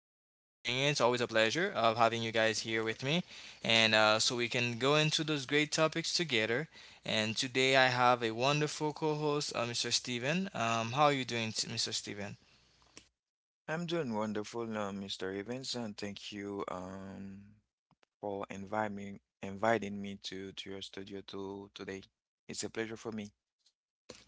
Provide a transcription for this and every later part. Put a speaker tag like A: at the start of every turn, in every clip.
A: in. It's always a pleasure of having you guys here with me, and so we can go into those great topics together. And today I have a wonderful co-host, Mr. Steven. How are you doing, Mr. Steven?
B: I'm doing wonderful, Mr. Evans, and thank you for inviting me to your studio to today. It's a pleasure for me.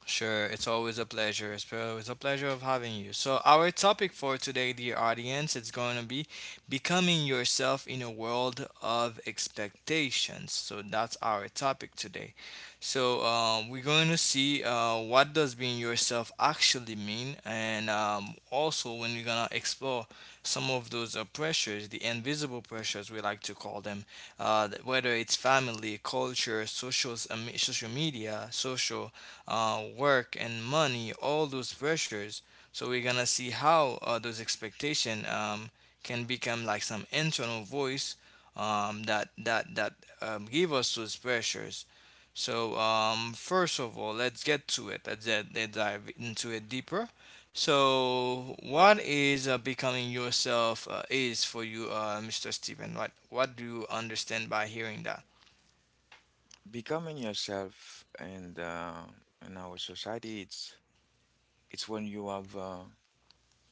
A: Sure, it's always a pleasure. It's always a pleasure of having you. So our topic for today, dear audience, it's going to be becoming yourself in a world of expectations. So that's our topic today. So we're going to see what does being yourself actually mean, and also when we're gonna explore some of those pressures, the invisible pressures we like to call them, whether it's family, culture, social, social media, social work and money, all those pressures. So we're gonna see how those expectation can become like some internal voice that give us those pressures. So first of all, let's get to it. Let's dive into it deeper. So what is becoming yourself is for you, Mr. Stephen? What do you understand by hearing that?
B: Becoming yourself and in our society, it's when you have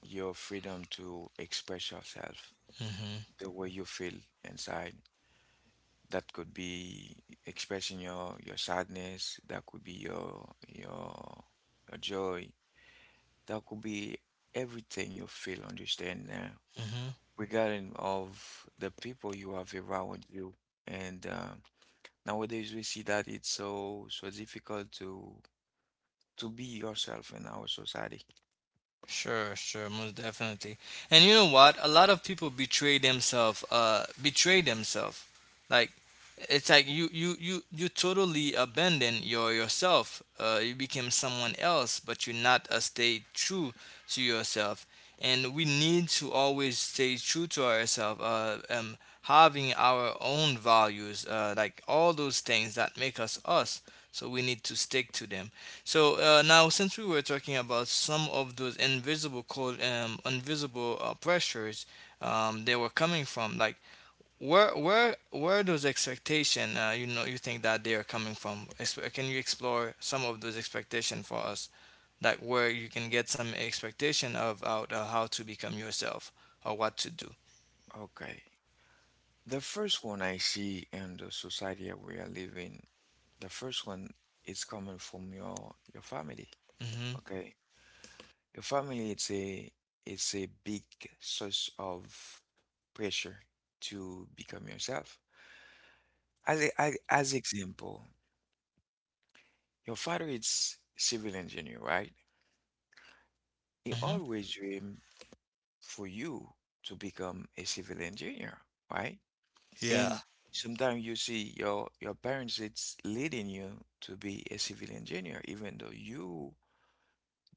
B: your freedom to express yourself
A: Mm-hmm.
B: the way you feel inside. That could be expressing your sadness. That could be your your joy. That could be everything you feel, understand now,
A: Mm-hmm.
B: regarding of the people you have around you. And nowadays we see that it's so difficult to be yourself in our society.
A: Sure, sure, most definitely. And you know what? A lot of people betray themselves. Betray themselves. Like it's like you totally abandon yourself. You became someone else, but you not stay true to yourself. And we need to always stay true to ourselves. Having our own values. Like all those things that make us us. So we need to stick to them. So now, since we were talking about some of those invisible cold, invisible pressures, they were coming from, like where those expectation, you know, you think that they are coming from? Can you explore some of those expectation for us, like where you can get some expectation of out how to become yourself or what to do?
B: Okay. The first one I see in the society that we are living, the first one is coming from your family.
A: Hmm.
B: Okay. Your family it's a big source of pressure to become yourself. As e, a, as example, your father is civil engineer, right? He
A: Hmm.
B: always dreamed for you to become a civil engineer, right?
A: Yeah.
B: And sometimes you see your parents it's leading you to be a civil engineer, even though you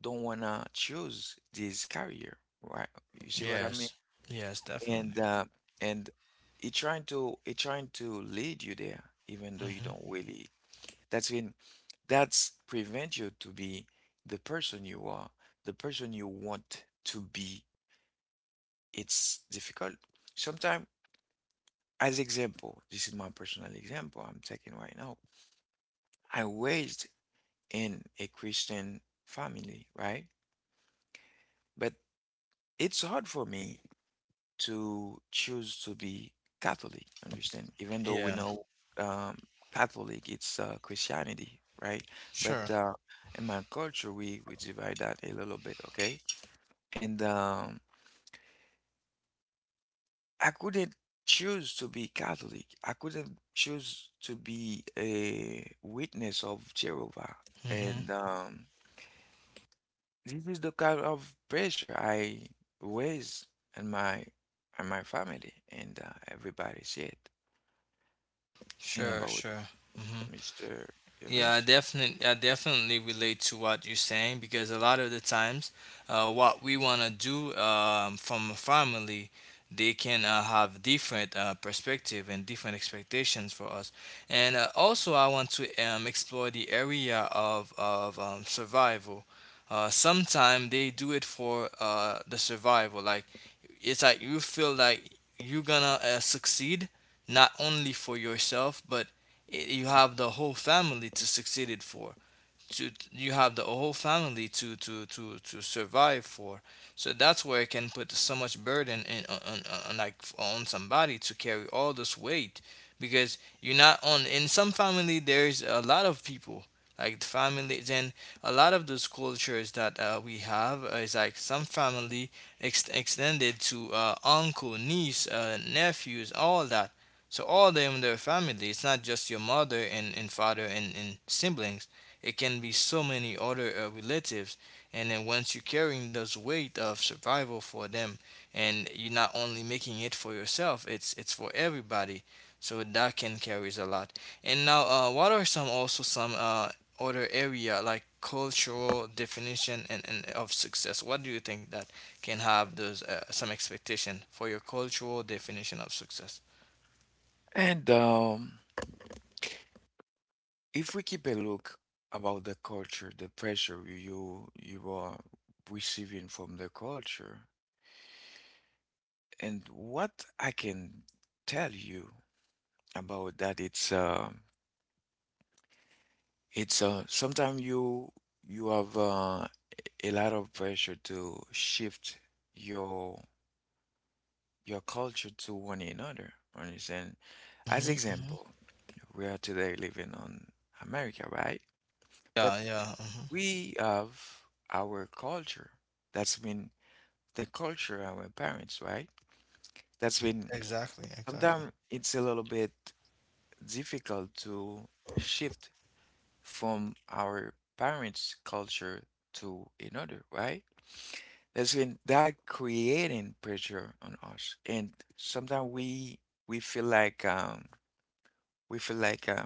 B: don't wanna choose this career, right? You see what I mean?
A: Yes. Yes, definitely.
B: And and it trying to lead you there, even though you
A: Hmm.
B: don't really. That's in that's prevent you to be the person you are, the person you want to be. It's difficult. Sometimes, as example, this is my personal example I'm taking right now. I raised in a Christian family, right? But it's hard for me to choose to be Catholic, understand? Even though we
A: Yeah.
B: know um, Catholic, it's Christianity, right?
A: Sure.
B: But in my culture, we divide that a little bit, okay? And I couldn't choose to be Catholic. I couldn't choose to be a witness of Jehovah. And
A: Hmm.
B: this is the kind of pressure I raised in my in my family, and everybody see it. And
A: Sure.
B: about
A: Sure. Mm-hmm.
B: Mr.
A: Yeah,
B: Evans.
A: I definitely relate to what you're saying because a lot of the times, what we wanna do from a family, they can have different perspective and different expectations for us. And also, I want to explore the area of survival. Sometimes they do it for the survival, like it's like you feel like you're gonna succeed not only for yourself but you have the whole family to succeed it for to you have the whole family to survive for, so that's where it can put so much burden in on like on somebody to carry all this weight, because you're not on in some family there's a lot of people like the families, and a lot of those cultures that we have is like some family extended to uncle niece nephews all that. So all them their family it's not just your mother and father and siblings, it can be so many other relatives, and then once you're carrying those weight of survival for them, and you're not only making it for yourself, it's for everybody. So that can carries a lot. And now, what are some also some other area like cultural definition and of success? What do you think that can have those some expectation for your cultural definition of success?
B: And if we keep a look about the culture, the pressure you are receiving from the culture, and what I can tell you about that, it's sometimes you have a lot of pressure to shift your your culture to one another. Understand? As
A: Hmm. Hmm.
B: example, we are today living on America, right? But
A: Yeah, yeah. Hmm.
B: we have our culture. That's been the culture of our parents, right? That's been
A: Exactly, exactly.
B: sometimes it's a little bit difficult to shift from our parents' culture to another, right? That's been that creating pressure on us. And sometimes we feel like we feel like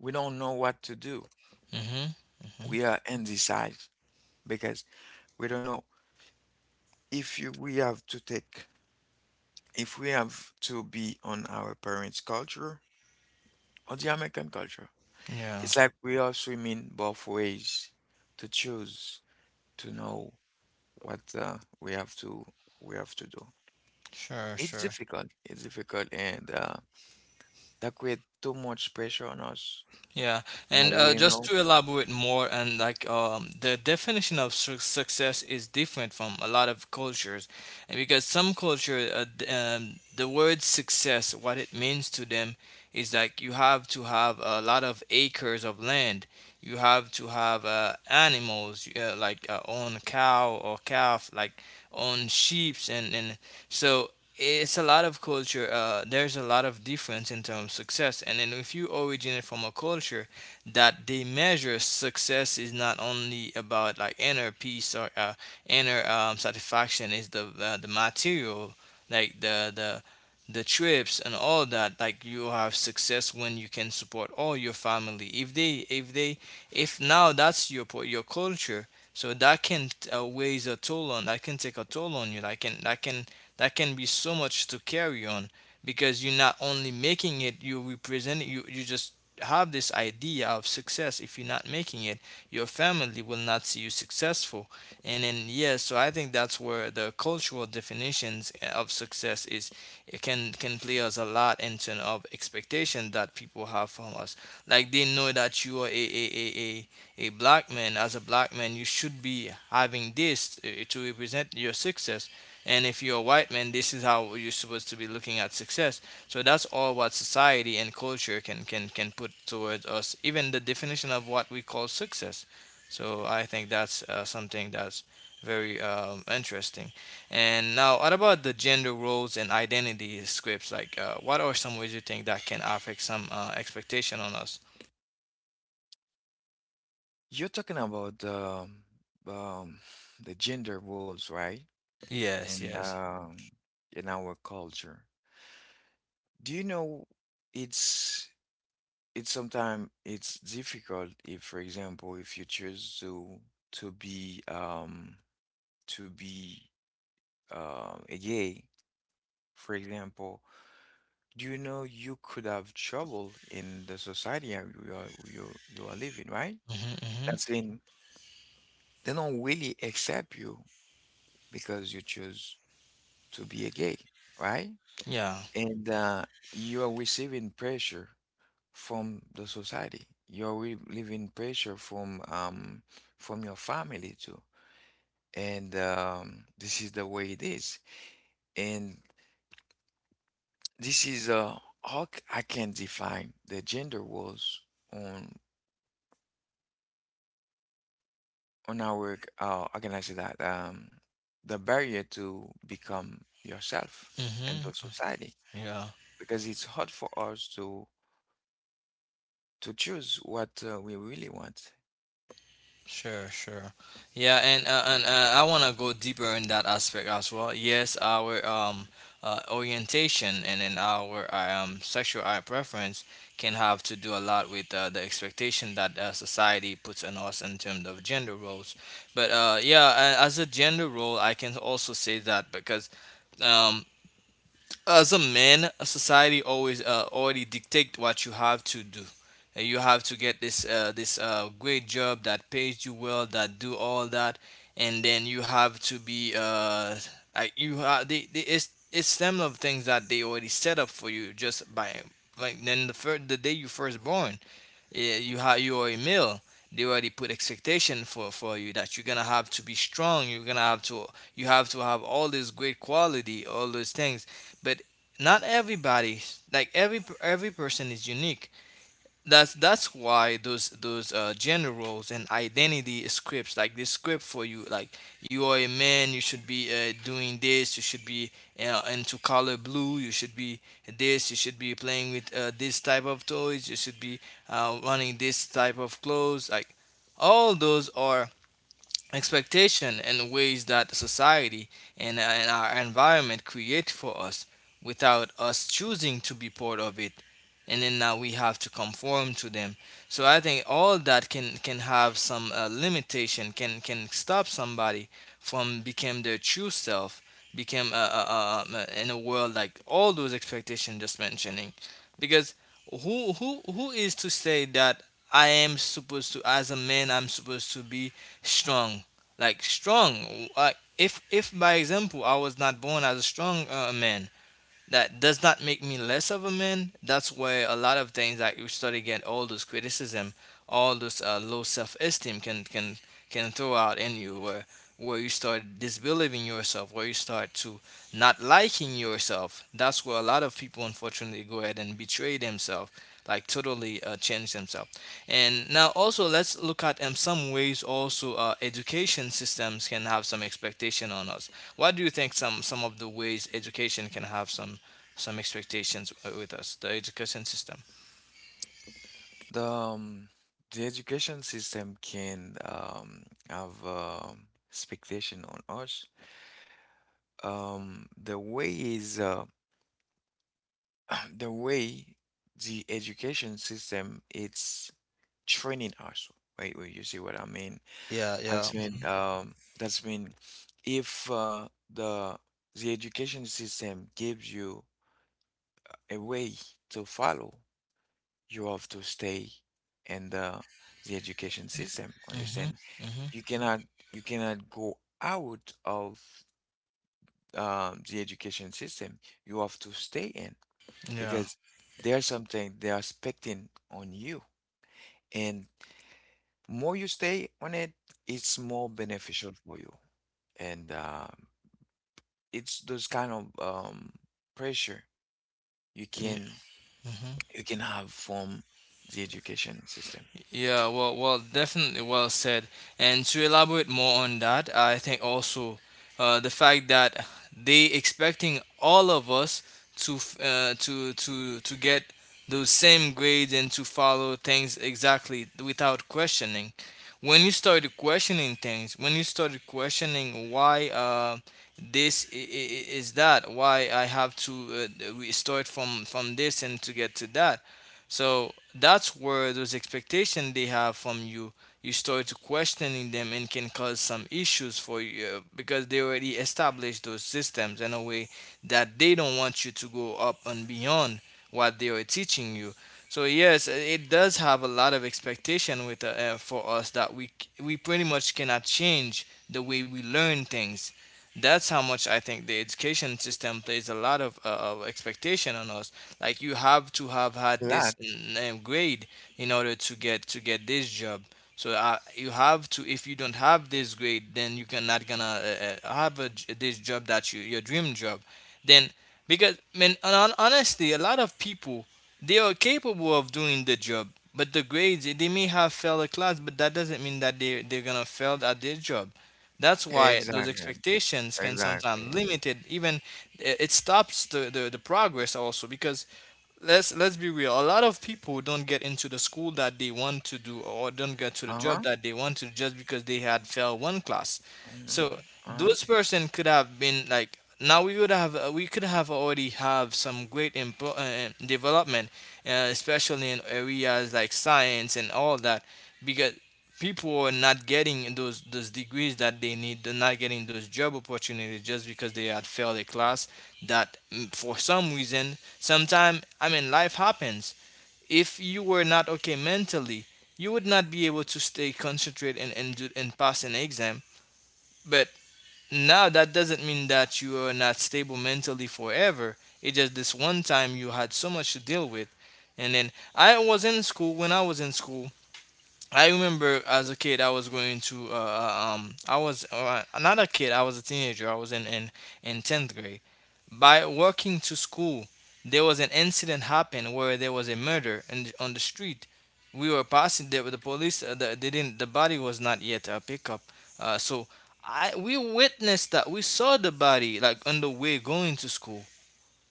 B: we don't know what to do.
A: Hmm. Hmm.
B: We are indecisive because we don't know if you, we have to take if we have to be on our parents' culture or the American culture.
A: Yeah.
B: It's like we are swimming both ways to choose to know what we have to do.
A: Sure,
B: It's
A: sure.
B: difficult. It's difficult, and that create too much pressure on us.
A: Yeah.
B: No,
A: And
B: we don't
A: just
B: know.
A: to elaborate more, and like the definition of success is different from a lot of cultures, and because some culture, the word success, what it means to them is like you have to have a lot of acres of land, you have to have animals, like own cow or calf, like own sheeps, and so it's a lot of culture. There's a lot of difference in terms of success, and then if you originate from a culture that they measure success is not only about like inner peace or inner satisfaction is the material like the trips and all that, like you have success when you can support all your family if they if now that's your your culture. So that can weighs a toll on that can take a toll on you, that can that can be so much to carry on, because you're not only making it you represent it, you just have this idea of success. If you're not making it your family will not see you successful, and then yeah, so I think that's where the cultural definitions of success is, it can play us a lot in terms of expectation that people have from us, like they know that you are a black man. As a black man you should be having this to represent your success, and if you're a white man this is how you're supposed to be looking at success. So that's all what society and culture can put towards us, even the definition of what we call success. So I think that's something that's very interesting. And now, what about the gender roles and identity scripts? Like, what are some ways you think that can affect some expectation on us?
B: You're talking about um, the gender roles, right?
A: Yes,
B: And
A: yes.
B: in our culture, do you know it's it's sometimes it's difficult if, for example, if you choose to to be um to be a gay, for example, do you know you could have trouble in the society are- you are you are living, right?
A: Mm-hmm, mm-hmm.
B: That's in they don't really accept you because you choose to be a gay, right?
A: Yeah.
B: And you are receiving pressure from the society. You're relieving pressure from your family too. And this is the way it is. And this is how c- I can define the gender roles on our how can I say that the barrier to become yourself and the
A: Mm-hmm.
B: society
A: Yeah.
B: because it's hard for us to choose what we really want.
A: Sure, sure. Yeah, and I want to go deeper in that aspect as well. Yes, our orientation and then our sexual eye preference can have to do a lot with the expectation that society puts on us in terms of gender roles. But yeah, as a gender role, I can also say that because um as a man, a society always already dictate what you have to do. You have to get this this great job that pays you well, that do all that, and then you have to be like you ha they it's them of things that they already set up for you just by like then the first the day you first born, you are a male, they already put expectation for you that you're gonna have to be strong, you're gonna have to you have to have all this great quality all those things. But not everybody, like every person is unique. That's why those gender roles and identity scripts like this script for you, like you are a man you should be doing this, you should be into color blue, you should be this, you should be playing with this type of toys, you should be running this type of clothes, like all those are expectation and the ways that the society and our environment create for us without us choosing to be part of it, and then now we have to conform to them. So I think all that can have some limitation, can stop somebody from become their true self, become in a world like all those expectations just mentioning, because who is to say that I am supposed to, as a man I'm supposed to be strong, like strong. Like if by example I was not born as a strong man, that does not make me less of a man. That's why a lot of things that you start to get all those criticism, all those low self-esteem can throw out in you, where you start disbelieving yourself, where you start to not liking yourself. That's where a lot of people unfortunately go ahead and betray themselves, like totally change themselves. And now also let's look at some ways also education systems can have some expectation on us. What do you think some of the ways education can have some expectations with us, the education system.
B: The um, the education system can have expectation on us. The way is the way the education system it's training us. Wait, wait, you see what I mean?
A: Yeah, yeah.
B: That's mean that's mean if the the education system gives you a way to follow, you have to stay in the education system.
A: Mm-hmm.
B: Understand?
A: Mm-hmm.
B: You cannot you cannot go out of the education system. You have to stay in
A: Yeah.
B: because there's something they are expecting on you, and more you stay on it, it's more beneficial for you. And it's those kind of um, pressure you can
A: Yeah.
B: have from the education system.
A: Yeah, well, well, definitely well said. And to elaborate more on that, I think also the fact that they expecting all of us to to get those same grades and to follow things exactly without questioning. When you started questioning things, when you started questioning why this I- is that, why I have to we start from this and to get to that, so that's where those expectations they have from you, you start to questioning them and can cause some issues for you, because they already established those systems in a way that they don't want you to go up and beyond what they are teaching you. So yes, it does have a lot of expectation with for us that we pretty much cannot change the way we learn things. That's how much I think the education system plays a lot of expectation on us, like you have to have
B: A
A: had
B: lot,
A: this grade in order to get this job. So you have to. If you don't have this grade, then you cannot gonna have this job that your dream job. Then because, man, honestly, a lot of people, they are capable of doing the job, but the grades, they may have failed a class, but that doesn't mean that they're gonna fail at their job. That's why those
B: exactly,
A: expectations can sometimes
B: exactly.
A: limited, even it stops the progress also, because let's be real. A lot of people don't get into the school that they want to do, or don't get to the
B: Uh
A: job
B: huh.
A: that they want to, just because they had failed one class. So
B: Uh huh.
A: those person could have been, like, now we could have already have some great development, especially in areas like science and all that, because people are not getting those degrees that they need. They're not getting those job opportunities just because they had failed a class that, for some reason. Sometimes, I mean, life happens. If you were not okay mentally, you would not be able to stay concentrated and pass an exam. But now that doesn't mean that you are not stable mentally forever. It's just this one time you had so much to deal with. And then I was in school. When I was in school, I remember, as a kid, I was I was not a kid, I was a teenager. I was in 10th grade. By walking to school, there was an incident happened where there was a murder, and on the street we were passing the police. They didn't. The body was not yet picked up. So I we witnessed that. We saw the body, like, on the way going to school.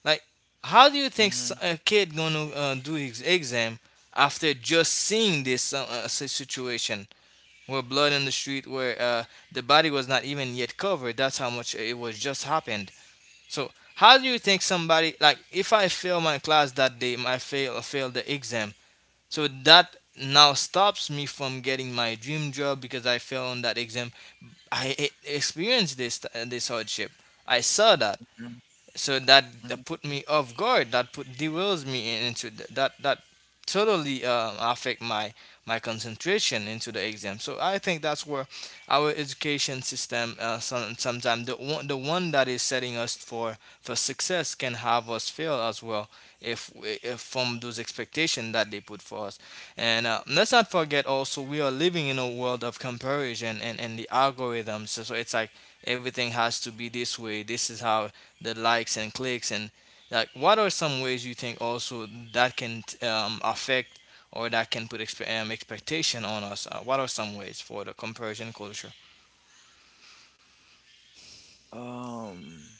A: Like, how do you think
B: Uh
A: a kid gonna do his exam after just seeing this situation? Where blood on the street, where the body was not even yet covered. That's how much it was just happened. So how do you think somebody, like, if I fail my class that day, I fail the exam. So that now stops me from getting my dream job because I failed on that exam. I e- experienced this this hardship. I saw that, so that
B: huh.
A: put me off guard, that put derails me into that totally affect my concentration into the exam. So I think that's where our education system, sometimes the one that is setting us for success can have us fail as well, if from those expectations that they put for us. And let's not forget, also we are living in a world of comparison and the algorithms, so it's like everything has to be this way, this is how the likes and clicks and, like, what are some ways you think also that can affect or that can put expectation on us? What are some ways for the comparison culture?
B: Um,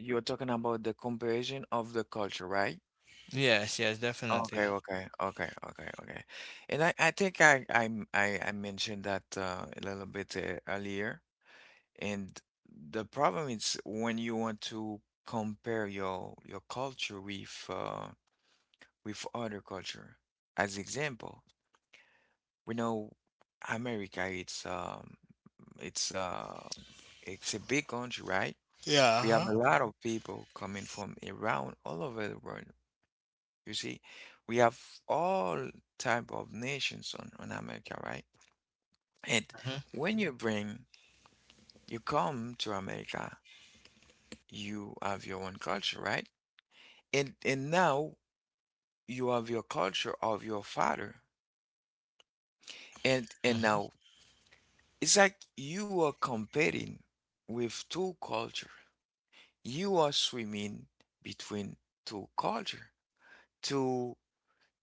B: you're talking about the comparison of the culture, right?
A: Yes, yes,
B: Okay,
A: definitely.
B: okay, okay, okay, okay. And I think I mentioned that a little bit earlier. And the problem is when you want to compare your culture with other culture. As example, we know America. It's uh, it's a big country, right? We have
A: Yeah.
B: a lot of people coming from around all over the world. You see, we have all type of nations on America, right? And
A: Uh-huh.
B: when you bring, you come to America, you have your own culture, right? And now you have your culture of your father. And
A: Hmm.
B: now it's like you are competing with two culture. You are swimming between two culture to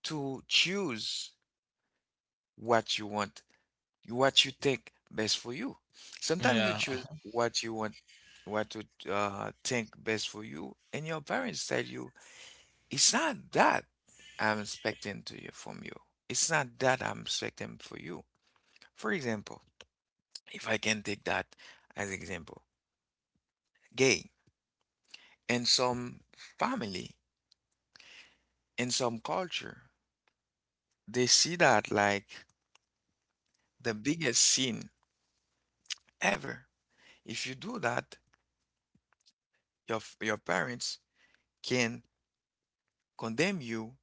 B: choose what you want, what you think best for you. Sometimes you
A: Yeah,
B: choose what you want, what to think best for you, and your parents tell you, it's not that I'm expecting to you from you. It's not that I'm expecting for you. For example, if I can take that as example, gay. In some family, in some culture, they see that like the biggest sin ever. If you do that, your f- your parents can condemn you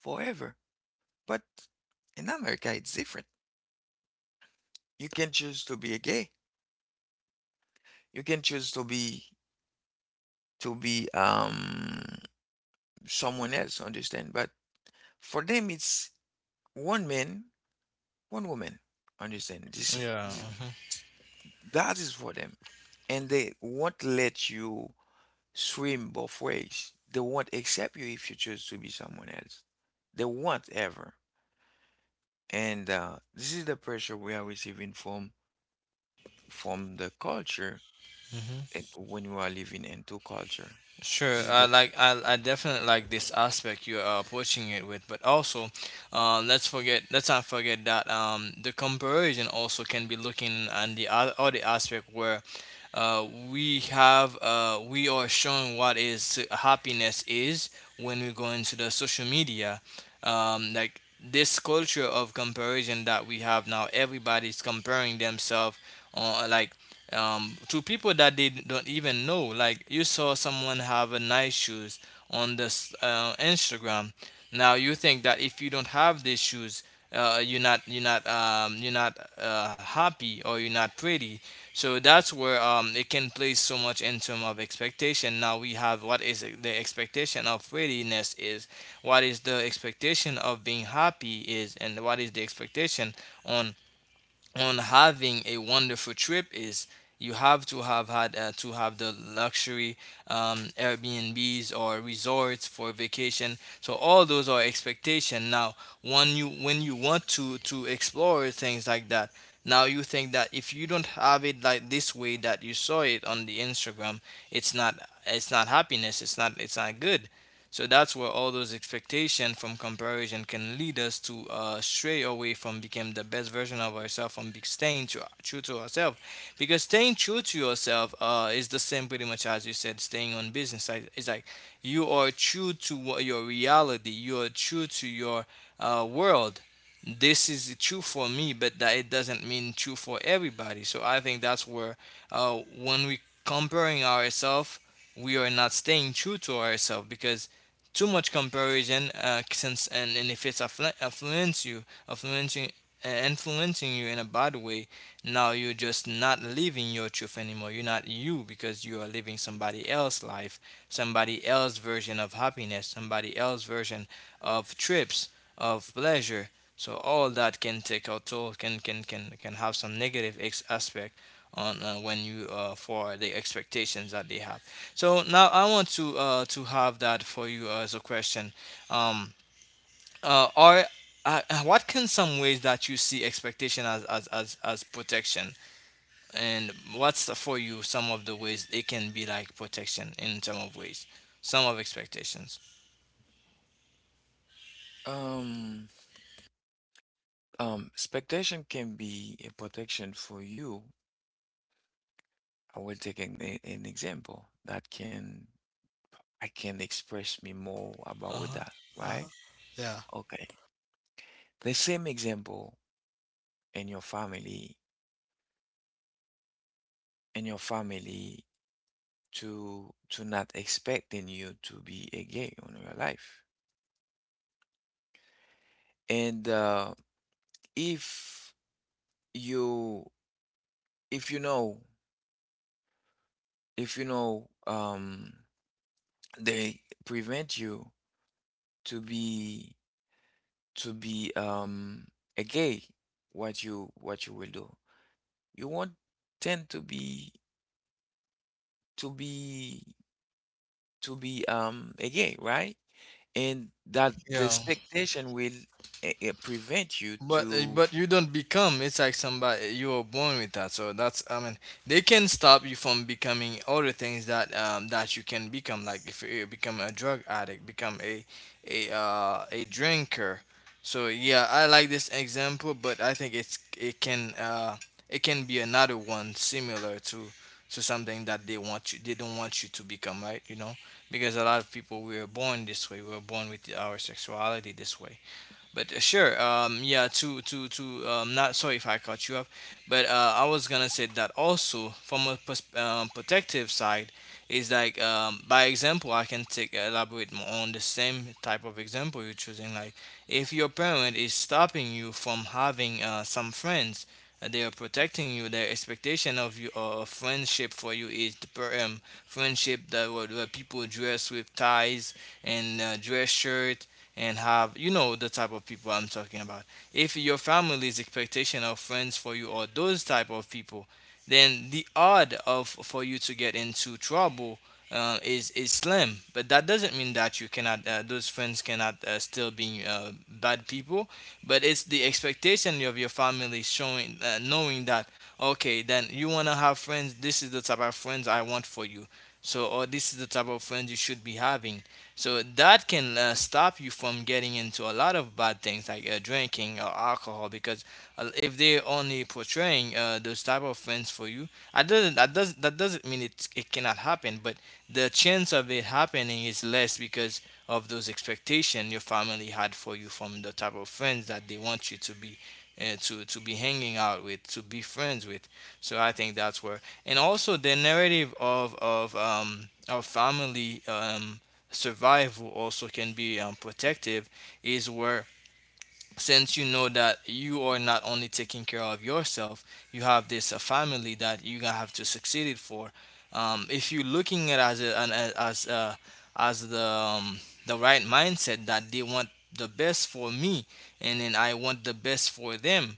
B: forever. But in America, it's different. You can choose to be a gay. You can choose to be someone else. Understand? But for them, it's one man, one woman. Understand? This,
A: yeah.
B: this that is for them, and they won't let you swim both ways. They won't accept you if you choose to be someone else. They won't ever. And this is the pressure we are receiving from the culture
A: Hmm.
B: it, when you are living in two culture.
A: Sure,
B: This is
A: I
B: the
A: like I, I definitely like this aspect you are approaching it with, but also, let's not forget that, the comparison also can be looking on the other aspect, where we are showing what is happiness is when we go into the social media, like this culture of comparison that we have now. Everybody's comparing themselves on like to people that they don't even know. Like, you saw someone have a nice shoes on this Instagram. Now you think that if you don't have these shoes, you're not happy, or you're not pretty. So that's where, it can place so much in terms of expectation. Now we have what is the expectation of prettiness is, what is the expectation of being happy is, and what is the expectation on on having a wonderful trip is: you have to have had to have the luxury Airbnbs or resorts for vacation. So all those are expectation. Now, when you want to explore things like that, now you think that if you don't have it like this way that you saw it on the Instagram, it's not it's not happiness. It's not good. So that's where all those expectations from comparison can lead us to stray away from becoming the best version of ourselves, from staying true, true to ourselves. Because staying true to yourself is the same, pretty much, as you said, staying on business. Like, it's like you are true to what your reality, you are true to your world. This is true for me, but that it doesn't mean true for everybody. So I think that's where, when we comparing ourselves, we are not staying true to ourselves, because too much comparison, since and if it's affluence you influencing influencing you in a bad way, now you're just not living your truth anymore, you're not you, because you are living somebody else's life, somebody else's version of happiness, somebody else's version of trips, of pleasure. So all that can take a toll, can have some negative aspect on, when you for the expectations that they have. So now I want to have that for you as a question. Um, are What can some ways that you see expectation as protection, and what's for you some of the ways it can be like protection in term of ways, some of expectations?
B: um expectation can be a protection for you. I will take an example that can I can express me more about
A: Uh-huh.
B: that, right?
A: Yeah.
B: Okay. The same example in your family, in your family to not expecting you to be a gay on your life. And if you if you know if you know they prevent you to be to be um a gay, what you will do, you won't tend to be to be a gay, right? And that the
A: Yeah.
B: expectation will prevent you
A: But uh,
B: to.
A: but you don't become. It's like somebody you were born with that. So that's, I mean, they can stop you from becoming other things that that you can become. Like, if you become a drug addict, become a drinker. So, yeah, I like this example, but I think it can be another one similar to something that they don't want you to become, right? You know, because a lot of people, we are born this way. We are born with our sexuality this way. But, sure, yeah, to not sorry if I cut you off, but I was gonna say that also from a protective side is, like, by example I can take elaborate more on the same type of example you're choosing. Like, if your parent is stopping you from having some friends, they are protecting you. Their expectation of you, of friendship for you, is the friendship where people dress with ties and, dress shirt, and have, the type of people I'm talking about. If your family's expectation of friends for you are those type of people, then the odd of for you to get into trouble is slim. But that doesn't mean that you cannot those friends cannot still be bad people. But it's the expectation of your family showing knowing that, okay, then you wanna have friends. This is the type of friends I want for you. So, or this is the type of friends you should be having. So that can stop you from getting into a lot of bad things like drinking or alcohol, because if they're only portraying those type of friends for you, I doesn't that does that doesn't mean it cannot happen, but the chance of it happening is less because of those expectations your family had for you from the type of friends that they want you to be, to be hanging out with, to be friends with. So I think that's where, and also the narrative of our family. Survival also can be protective is where, since you know that you are not only taking care of yourself, you have this family that you're gonna have to succeed it for. If you're looking at as a, an, a- as the right mindset that they want the best for me and then I want the best for them,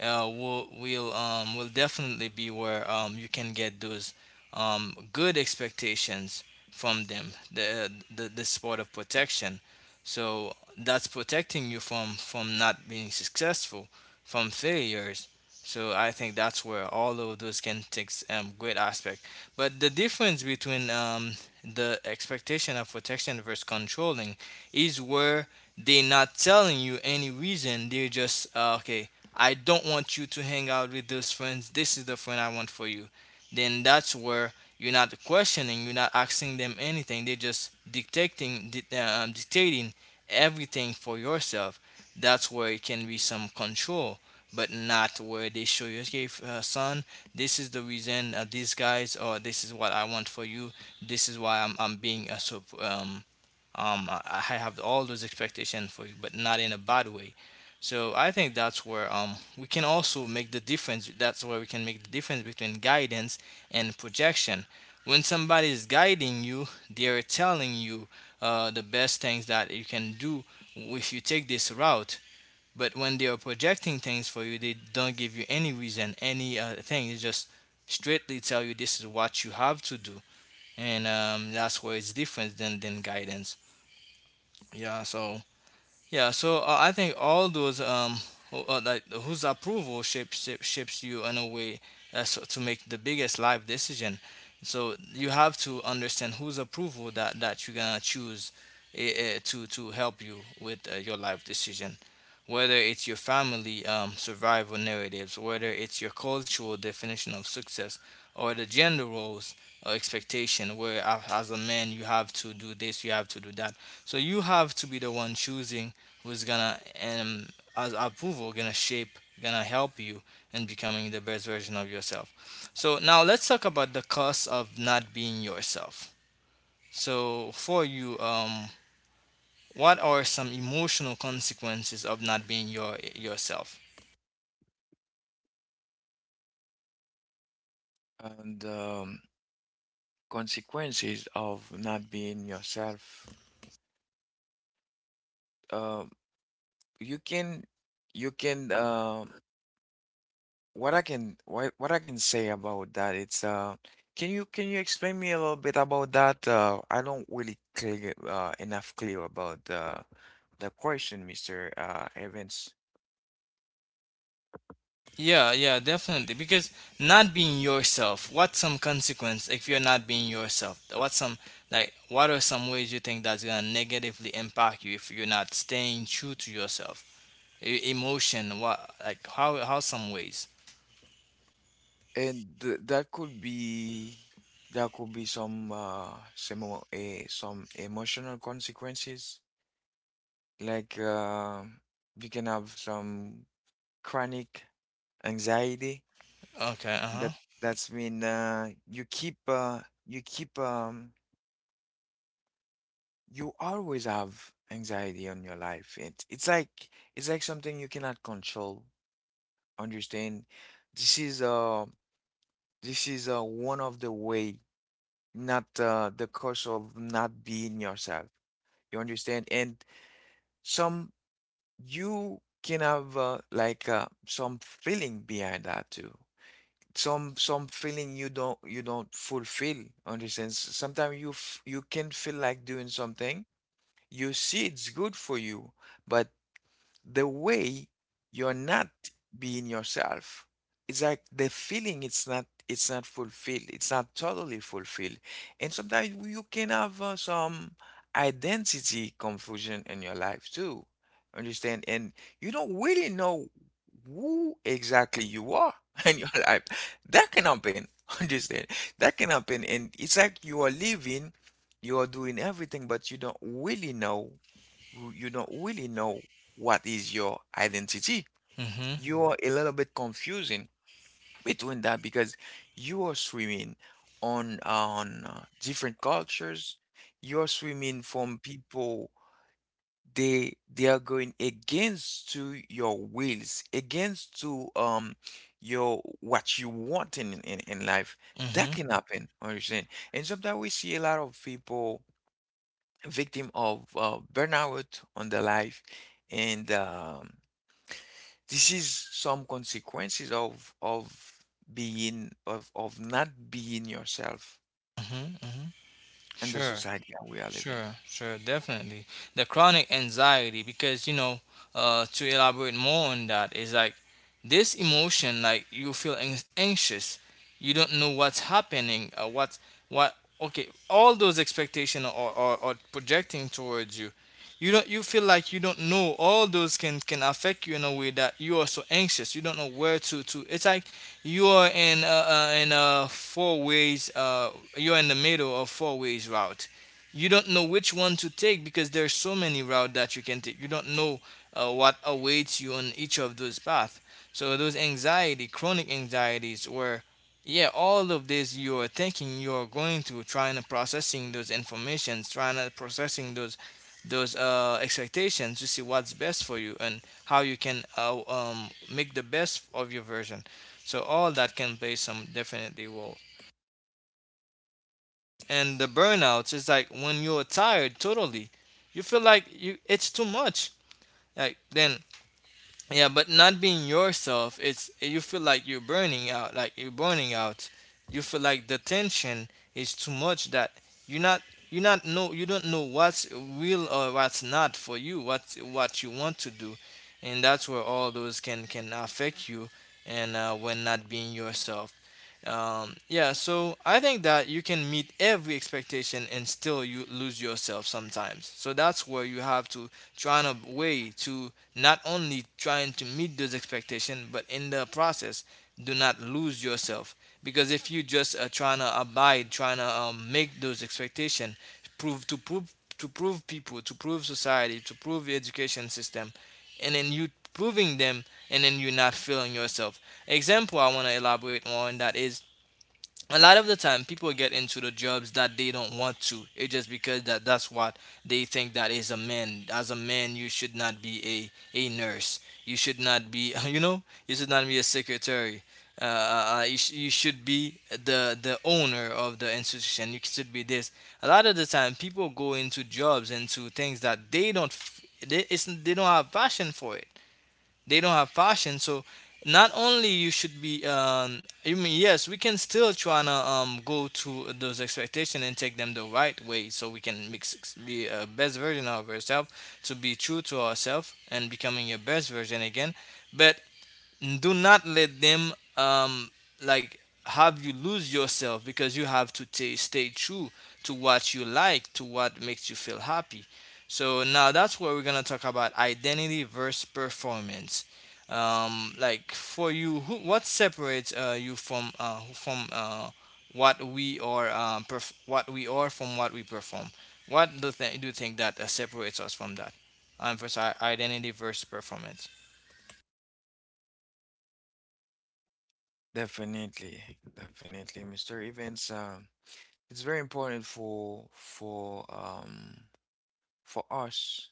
A: will definitely be where you can get those good expectations from them. The sport of protection, so that's protecting you from not being successful, from failures. So I think that's where all of those can take great aspect. But the difference between the expectation of protection versus controlling is where they're not telling you any reason. They're just okay. I don't want you to hang out with those friends. This is the friend I want for you. Then that's where you're not questioning, you're not asking them anything. They're just dictating everything for yourself. That's where it can be some control, but not where they show you, okay, son, this is the reason these guys, or this is what I want for you. This is why I'm being I have all those expectations for you, but not in a bad way. So I think that's where we can also make the difference. That's where we can make the difference between guidance and projection. When somebody is guiding you, they are telling you the best things that you can do if you take this route. But when they are projecting things for you, they don't give you any reason, any thing. They just straightly tell you this is what you have to do, and that's where it's different than guidance. Yeah, so I think all those like whose shapes you in a way so to make the biggest life decision. So you have to understand whose approval that you're gonna choose to help you with your life decision. Whether it's your family survival narratives, whether it's your cultural definition of success, or the gender roles or expectation, where as a man you have to do this, you have to do that. So you have to be the one choosing who's gonna as approval gonna shape, gonna help you in becoming the best version of yourself. So now let's talk about the cost of not being yourself. So for you, what are some emotional consequences of not being yourself?
B: And consequences of not being yourself, um, you can you can um, what I can say about that, it's uh, can you explain me a little bit about that? Uh, I don't really clear enough clear about the question, Mr. Evans.
A: Yeah, yeah, definitely, because not being yourself, what's some consequence? If you're not being yourself, what's some, like, what are some ways you think that's gonna negatively impact you if you're not staying true to yourself? Emotion, what like how some ways?
B: And th that could be some some emotional consequences. Like you can have some chronic anxiety.
A: Okay, uh-huh.
B: That that's mean you keep you always have anxiety on your life. It's like something you cannot control. Understand? This is one of the way, not the cause of not being yourself. You understand? And some you can have like some feeling behind that too. Some feeling you don't fulfill. Understand? Sometimes you can feel like doing something. You see it's good for you, but the way you're not being yourself. It's like the feeling it's not fulfilled. It's not totally fulfilled. And sometimes you can have some identity confusion in your life too. Understand? And you don't really know who exactly you are in your life. That can happen. Understand? That can happen. And it's like you are living, you are doing everything, but you don't really know you don't really know what is your identity.
A: Mhm.
B: You are a little bit confusing between that because you are swimming on different cultures. You're swimming from people they are going against to your wills, against to your what you want in life. That
A: Mhm.
B: can happen, understand? And sometimes we see a lot of people victim of burnout on the life and this is some consequences of being of not being yourself
A: Mhm. Mhm.
B: in the
A: Sure.
B: society that we are living.
A: Sure, sure, definitely. The chronic anxiety, because, you know, to elaborate more on that, is like this emotion, like you feel anxious, you don't know what's happening, what, okay, all those expectations or projecting towards you, you don't, you feel like you don't know. All those can affect you in a way that you are so anxious. You don't know where to. It's like you are in four ways. You're in the middle of four ways route. You don't know which one to take, because there's so many routes that you can take. You don't know what awaits you on each of those paths. So those anxiety chronic anxieties, where, yeah, all of this you're thinking, you're going through, trying to processing those informations, trying to processing those expectations, to see what's best for you and how you can make the best of your version. So all that can play some definitely role. And the burnouts is like when you're tired totally, you feel like you, it's too much, like, then, yeah, but not being yourself, it's, you feel like you're burning out, like you're burning out. You feel like the tension is too much, that you're not, you not know, you don't know what's real or what's not for you, what you want to do. And that's where all those can affect you. And when not being yourself, yeah, so I think that you can meet every expectation and still you lose yourself sometimes. So that's where you have to try in a way to not only trying to meet those expectations, but in the process, do not lose yourself. Because if you just trying to abide, trying to make those expectations, prove to prove prove people, to prove society, to prove the education system, and then you proving them, and then you're not feeling yourself. Example I want to elaborate on that is a lot of the time people get into the jobs that they don't want to. It's just because that that's what they think that is a man. As a man, you should not be a nurse. You should not be you know, you should not be a secretary. You, you should be the owner of the institution. You should be this. A lot of the time, people go into jobs, into things that they, it's, they don't have passion for it, they don't have passion. So not only you should be, I mean, yes, we can still try to go to those expectations and take them the right way, so we can be a best version of ourselves, to be true to ourselves and becoming your best version again. But do not let them like have you lose yourself, because you have to ta stay true to what you like, to what makes you feel happy. So now that's where we're gonna talk about identity versus performance. Like, for you, who, what separates you from what we are, what we are from what we perform? What do, do you think that separates us from that, versus, identity versus performance?
B: Definitely, definitely, Mr. Evans. It's very important for for us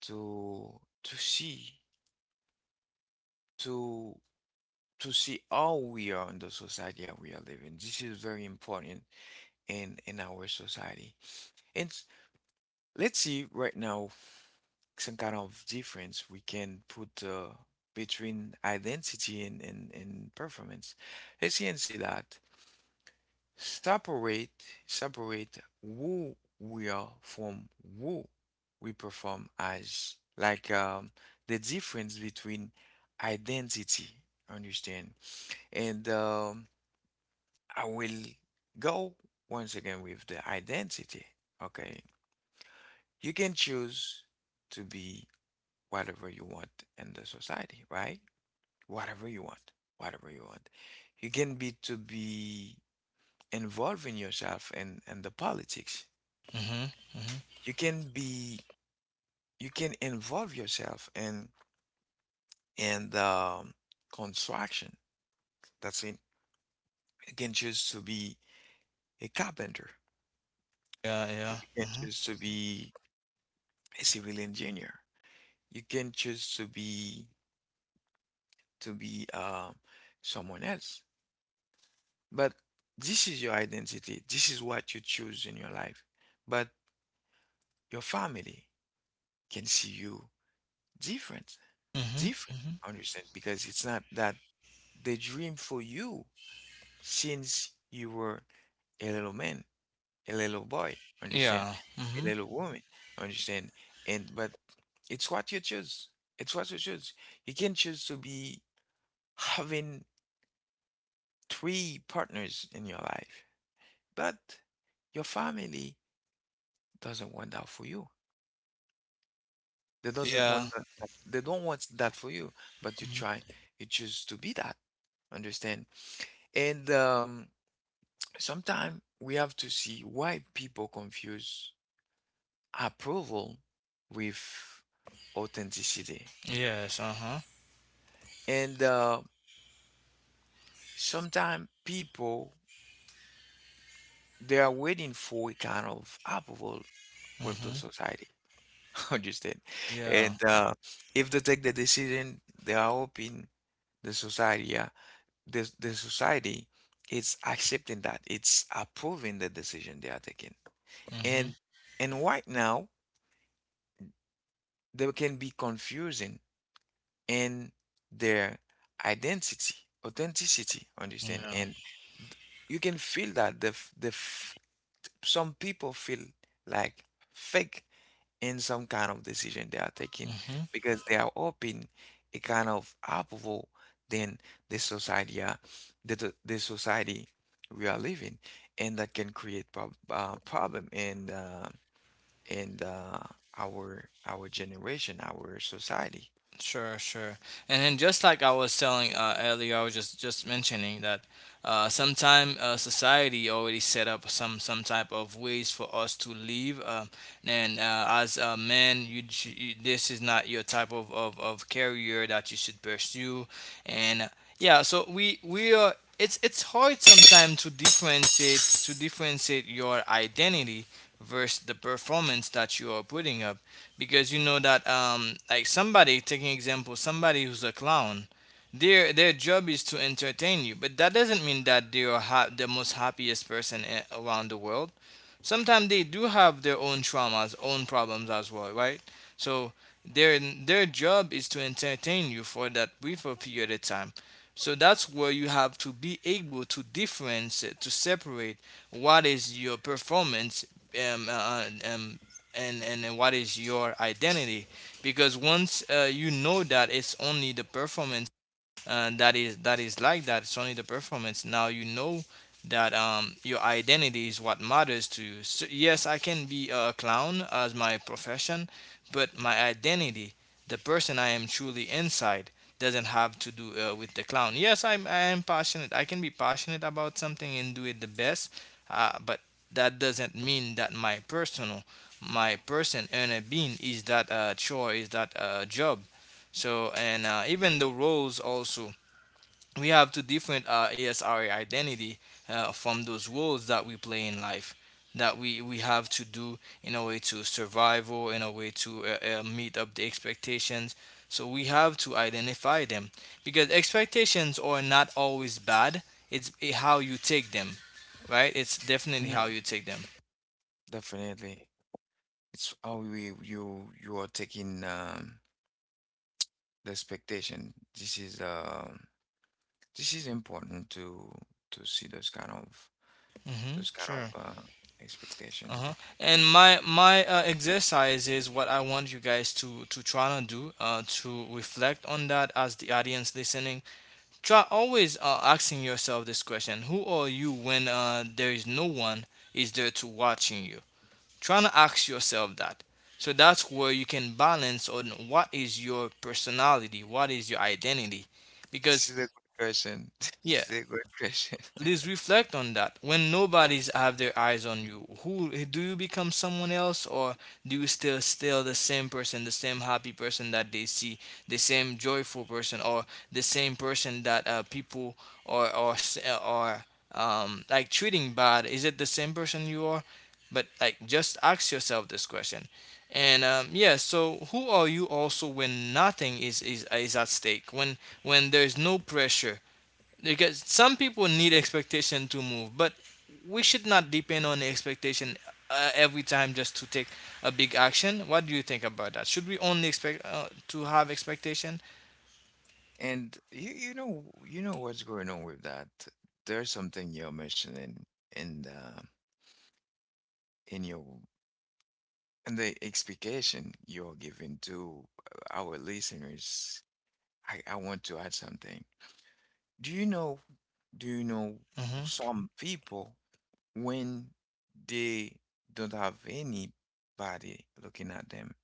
B: to to see to to see how we are in the society that we are living. This is very important in our society. And let's see right now some kind of difference we can put between identity and performance. Let's see and see that. Separate, separate who we are from who we perform as. Like the difference between identity, understand? And I will go once again with the identity. Okay. You can choose to be whatever you want in the society, right? Whatever you want, whatever you want. You can be to be involving yourself in the politics.
A: Mm-hmm. Mm-hmm.
B: You can be, you can involve yourself in the construction. That's it. You can choose to be a carpenter.
A: Yeah, yeah.
B: You can
A: Mhm.
B: choose to be a civil engineer. You can choose to be someone else. But this is your identity. This is what you choose in your life. But your family can see you different,
A: Mhm.
B: different.
A: Mhm.
B: Understand? Because it's not that they dream for you since you were a little man, a little boy. Understand?
A: Yeah.
B: A
A: Mhm.
B: little woman. Understand? And but it's what you choose. It's what you choose. You can choose to be having three partners in your life, but your family doesn't want that for you. They doesn't
A: Yeah.
B: want that. that- They don't want that for you, but you try. You choose to be that. Understand? And sometimes we have to see why people confuse approval with authenticity.
A: Yes. Uh huh.
B: And sometimes people they are waiting for a kind of approval with the
A: Mhm.
B: society. Understand?
A: Yeah.
B: And if they take the decision, they are hoping the society. Yeah, the society is accepting that, it's approving the decision they are taking.
A: Mhm.
B: and and right now they can be confusing in their identity, authenticity, understand?
A: Yeah.
B: And you can feel that some people feel like fake in some kind of decision they are taking,
A: Mhm.
B: because they are hoping a kind of approval than the society are, the society we are living. And that can create problem in the, our generation, our society.
A: Sure, sure. And then, just like I was telling earlier, I was just mentioning that sometime society already set up some type of ways for us to live. And as a man, you, this is not your type of career that you should pursue. And yeah, so we are. It's hard sometimes to differentiate your identity versus the performance that you are putting up, because you know that, like, somebody, taking example, somebody who's a clown, their job is to entertain you, but that doesn't mean that they are the most happiest person around the world. Sometimes they do have their own traumas, own problems as well, right? So their job is to entertain you for that briefer period of time. So that's where you have to be able to differentiate, to separate what is your performance, um, uh, uh, um, and what is your identity. Because once you know that it's only the performance, and that is, that is like that, it's only the performance, now you know that your identity is what matters to you. So, yes, I can be a clown as my profession, but my identity, the person I am truly inside, doesn't have to do with the clown. Yes, I am passionate. I can be passionate about something and do it the best, but that doesn't mean that my personal, my person and a being is that chore, is that job. So and even the roles also, we have to different ASRA identity from those roles that we play in life, that we have to do in a way to survive or in a way to meet up the expectations. So we have to identify them, because expectations are not always bad. It's how you take them, right? It's definitely how
B: Mhm,
A: you take them.
B: definitely. It's how we, you are taking the expectation. This is um, this is important to see those kind of,
A: Mm-hmm.
B: those kind of
A: Sure.
B: expectation.
A: Uh-huh. And my exercise is what I want you guys to try to do, to reflect on that as the audience listening. Try always asking yourself this question: who are you when there is no one is there to watching you? Trying to ask yourself that. So that's where you can balance on what is your personality, what is your identity.
B: This
A: Because,
B: is a good question.
A: yeah,
B: This is a good question.
A: please reflect on that. When nobody's have their eyes on you, who do you become, someone else, or do you still the same person, the same happy person that they see, the same joyful person, or the same person that people or s- or like treating bad? Is it the same person you are? But like, just ask yourself this question. And yeah, so who are you also when nothing is at stake? When there's no pressure, because some people need expectation to move, but we should not depend on the expectation every time just to take a big action. What do you think about that? Should we only expect to have expectation?
B: And you know, you know what's going on with that. There's something you're mentioning in the, in your, in the explication you're giving to our listeners. I want to add something. Do you know, do you know
A: Hmm.
B: some people when they don't have anybody looking at them,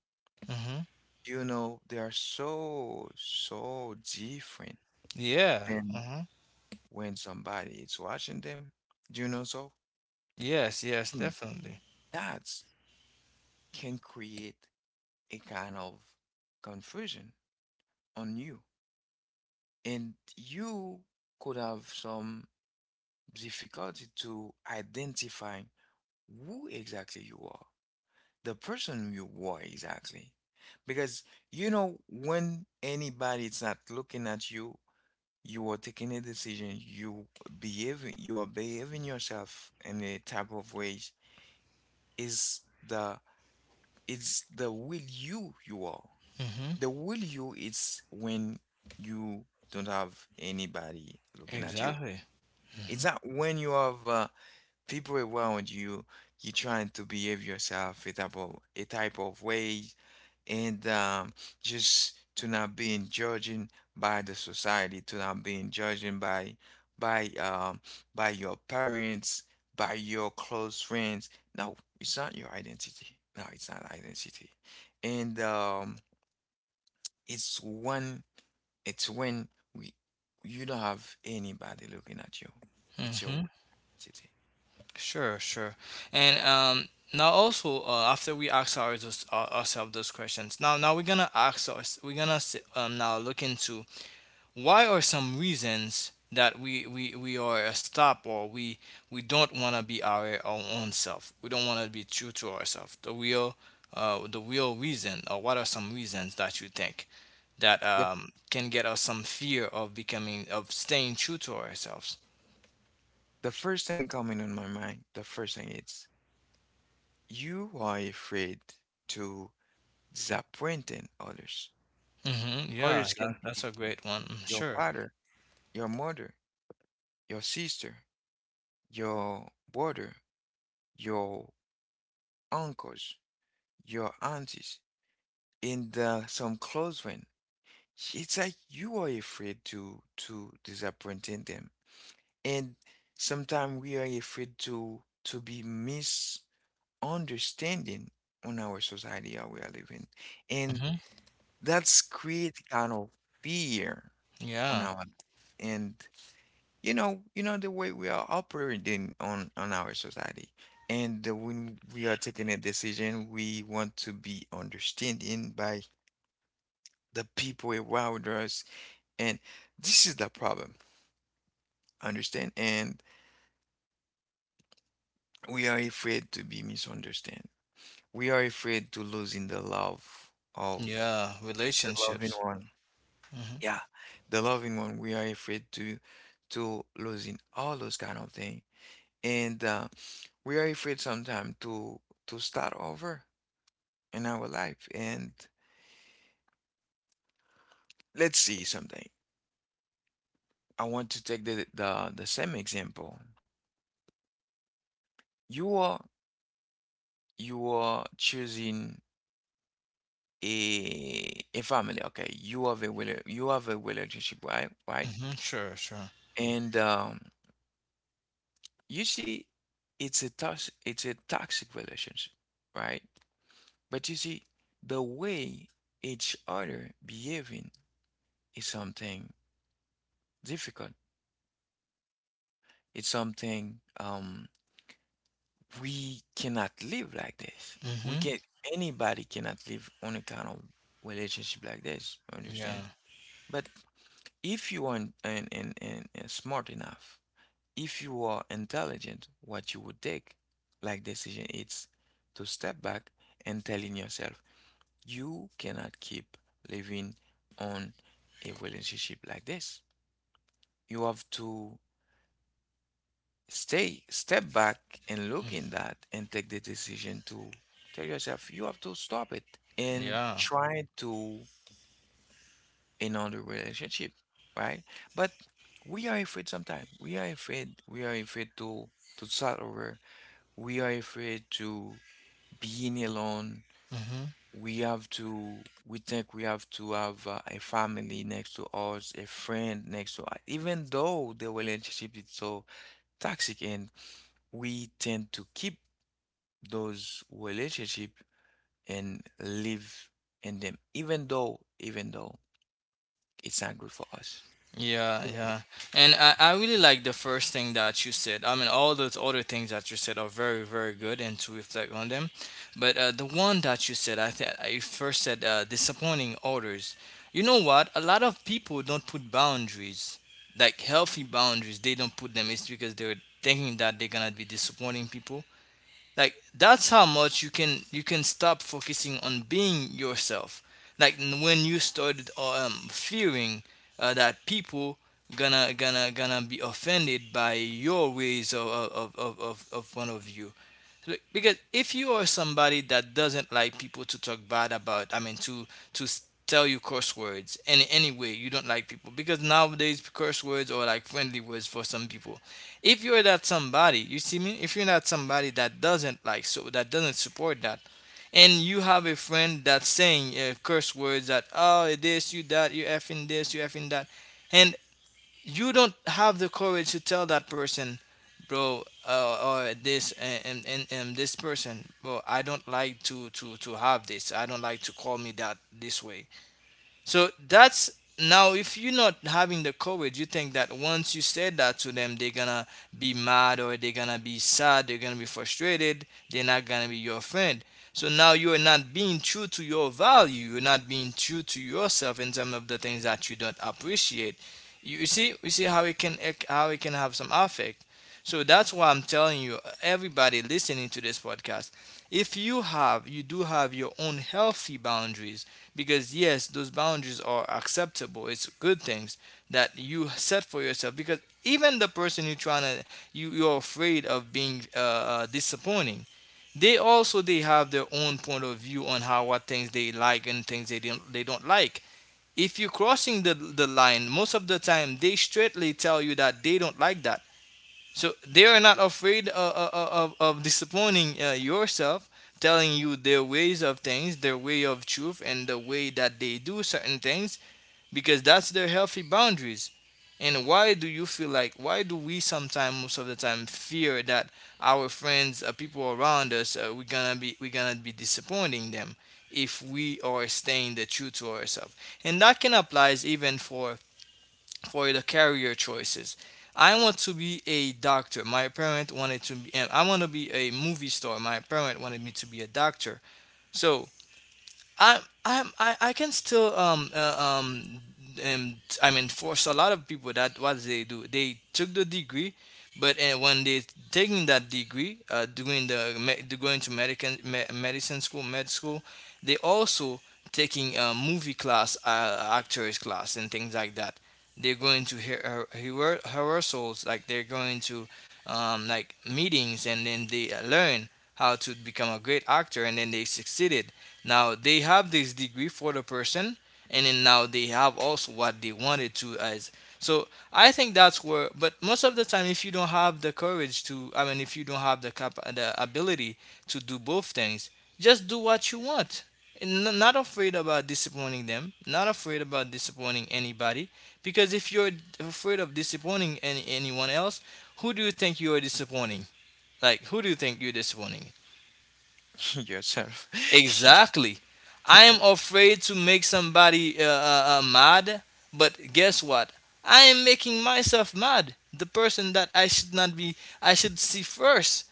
A: Hmm.
B: you know, they are so, so different
A: Yeah.
B: than
A: Hmm.
B: when somebody is watching them. Do you know? So
A: Yes, yes,
B: hmm,
A: definitely.
B: that can create a kind of confusion on you. And you could have some difficulty to identifying who exactly you are, the person you are exactly. Because, you know, when anybody is not looking at you, you are taking a decision, you behave, you are behaving yourself in a type of ways. Is the, it's the will you you are.
A: Hmm.
B: The will you is when you don't have anybody looking at you.
A: Exactly. Hmm.
B: It's not when you have people around you, you trying to behave yourself a type of, a type of way and just to not being judging by the society, to not being judging by um, by your parents, by your close friends. No, it's not your identity. No, it's not identity. And it's when, it's when we, you don't have anybody looking at you. It's
A: Hmm.
B: your identity.
A: Sure, sure. And now also, after we ask ourselves those questions, now we're gonna ask us we're gonna s- now look into: why are some reasons that we are a stop, or we don't want to be our own self? We don't want to be true to ourselves. The real reason, or what are some reasons that you think that
B: The
A: can get us some fear of becoming of staying true to ourselves?
B: the first thing coming on my mind, the first thing is you are afraid to disappointing others.
A: Hmm. Yeah,
B: Others can
A: that's
B: be
A: a great one. Mm.
B: your
A: Sure.
B: father, your mother, your sister, your brother, your uncles, your aunties, and some close friends. It's like you are afraid to disappointing them, and sometimes we are afraid to be misunderstanding on our society how we are living, and
A: Hmm.
B: that's create kind of fear on
A: Yeah.
B: our life. And you know, you know the way we are operating on our society, and the, when we are taking a decision we want to be understanding by the people around us, and this is the problem, understand? And we are afraid to be misunderstood, we are afraid to losing the love of
A: Yeah.
B: the loving
A: Relationships.
B: one.
A: Mm-hmm.
B: Yeah, the loving one, we are afraid to losing all those kind of things. And we are afraid sometimes to start over in our life. And let's see something. I want to take the same example. You are, you are choosing a family, okay? You have a relationship, right? Right?
A: Hmm. Sure. Sure.
B: And you see, it's a toxic, it's a toxic relationship, right? But you see, the way each other behaving is something difficult. It's something um, we cannot live like this. We
A: Hmm.
B: can, anybody cannot live on a kind of relationship like this, understand?
A: Yeah.
B: But if you are in smart enough, if you are intelligent, what you would take like decision is to step back and telling yourself you cannot keep living on a relationship like this. You have to stay step back and look
A: Mm.
B: in that and take the decision to tell yourself you have to stop it and
A: Yeah.
B: try to another relationship, right? But we are afraid sometimes, we are afraid, we are afraid to start over, we are afraid to being alone.
A: Hmm.
B: We have to, we think we have to have a family next to us, a friend next to us, even though the relationship is so toxic, and we tend to keep those relationship and live in them even though, even though it's not good for us.
A: Yeah, yeah. And I really like the first thing that you said. I mean, all those other things that you said are very, very good, and to reflect on them. But the one that you said, I think you first said, disappointing others. You know what? A lot of people don't put boundaries, like healthy boundaries, they don't put them. It's because they're thinking that they're going to be disappointing people, like that's how much you can. You can stop focusing on being yourself, like when you started fearing that people gonna be offended by your ways of point of you. Because if you are somebody that doesn't like people to talk bad about, I mean, to tell you curse words in any way, you don't like people. Because nowadays, curse words are like friendly words for some people. If you're that somebody, you see me. If you're not somebody, that doesn't like, so that doesn't support that, and you have a friend that's saying curse words, that oh this you that you effing this you effing that, and you don't have the courage to tell that person, bro, or this, and this person, bro, I don't like to have this. I don't like to call me that this way. So that's. Now if you're not having the courage, you think that once you say that to them, they're gonna be mad, or they're gonna be sad, they're gonna be frustrated, they're not gonna be your friend. So now you are not being true to your value, you're not being true to yourself in terms of the things that you don't appreciate. You see, how it can have some effect. So that's why I'm telling you, everybody listening to this podcast, if you do have your own healthy boundaries, because yes, those boundaries are acceptable, it's good things that you set for yourself, because even the person you're trying to, you're afraid of being disappointing, they also, they have their own point of view on how, what things they like and things they don't like. If you're crossing the line, most of the time they straightly tell you that they don't like that. So they are not afraid of disappointing yourself, telling you their ways of things, their way of truth, and the way that they do certain things, because that's their healthy boundaries. And why do you feel like, why do we sometimes, most of the time, fear that our friends, people around us, we're gonna be disappointing them, if we are staying the truth to ourselves? And that can apply even for the career choices. I want to be a doctor. My parent wanted to be. I want to be a movie star. My parent wanted me to be a doctor. So I can still um I mean, force a lot of people that what they do, they took the degree, but when they taking that degree, doing the going to medical med school, they also taking a movie class, actors class, and things like that. They're going to rehearsals, like they're going to like meetings, and then they learn how to become a great actor, and then they succeeded. Now they have this degree for the person, and then now they have also what they wanted to as. So I think that's where. But most of the time, if you don't have the courage to, I mean, if you don't have the cap, the ability to do both things, just do what you want. And not afraid about disappointing them, not afraid about disappointing anybody, because if you're afraid of disappointing anyone else, who do you think you are disappointing? Like, who do you think you're disappointing?
B: Yourself.
A: Exactly. I am afraid to make somebody mad, but guess what? I am making myself mad. The person that I should not be, I should see first,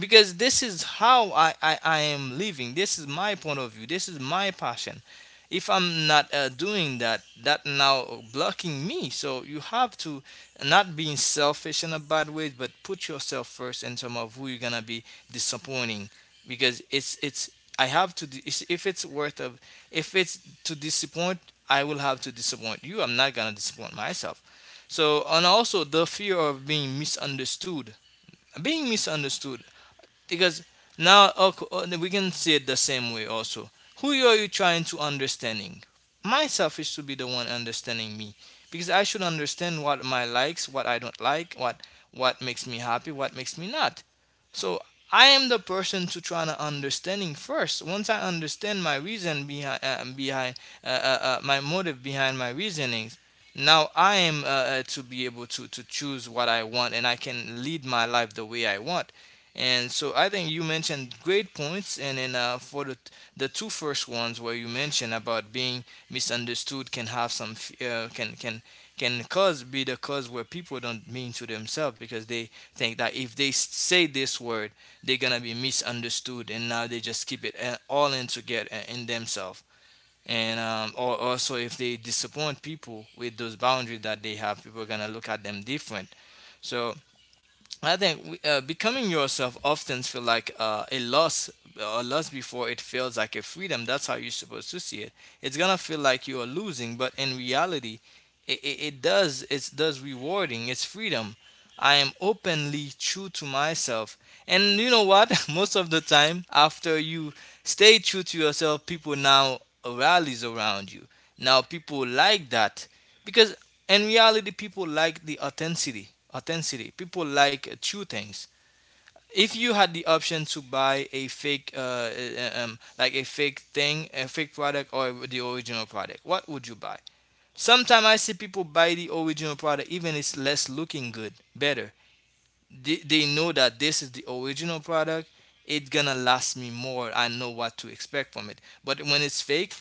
A: because this is how I am living. This is my point of view. This is my passion. If I'm not doing that, that now blocking me. So you have to not being selfish in a bad way, but put yourself first in terms of who you're gonna be disappointing, because it's. I have to. If it's worth of, if it's to disappoint, I will have to disappoint you. I'm not gonna disappoint myself. So, and also the fear of being misunderstood. Being misunderstood, because now we can see it the same way also. Who are you trying to understanding? Myself is to be the one understanding me, because I should understand what my likes, what I don't like, what makes me happy, what makes me not. So I am the person to try to understanding first. Once I understand my reason behind my motive, behind my reasonings, now I am to be able to choose what I want, and I can lead my life the way I want. And so I think you mentioned great points, and then for the two first ones where you mentioned about being misunderstood, can have can cause, be the cause where people don't mean to themselves, because they think that if they say this word, they're gonna be misunderstood, and now they just keep it all in together in themselves. And or also, if they disappoint people with those boundaries that they have, people are gonna look at them different. So I think becoming yourself often feel like a loss, before it feels like a freedom. That's how you're supposed to see it. It's gonna feel like you are losing, but in reality, it does, it does rewarding. It's freedom. I am openly true to myself, and you know what? Most of the time, after you stay true to yourself, people now rallies around you. Now people like that, because in reality, people like the authenticity. Authenticity. People like true things. If you had the option to buy a fake, like a fake thing, a fake product, or the original product, what would you buy? Sometimes I see people buy the original product, even it's less looking good, better. They know that this is the original product. It's gonna last me more. I know what to expect from it. But when it's fake,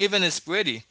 A: even it's pretty,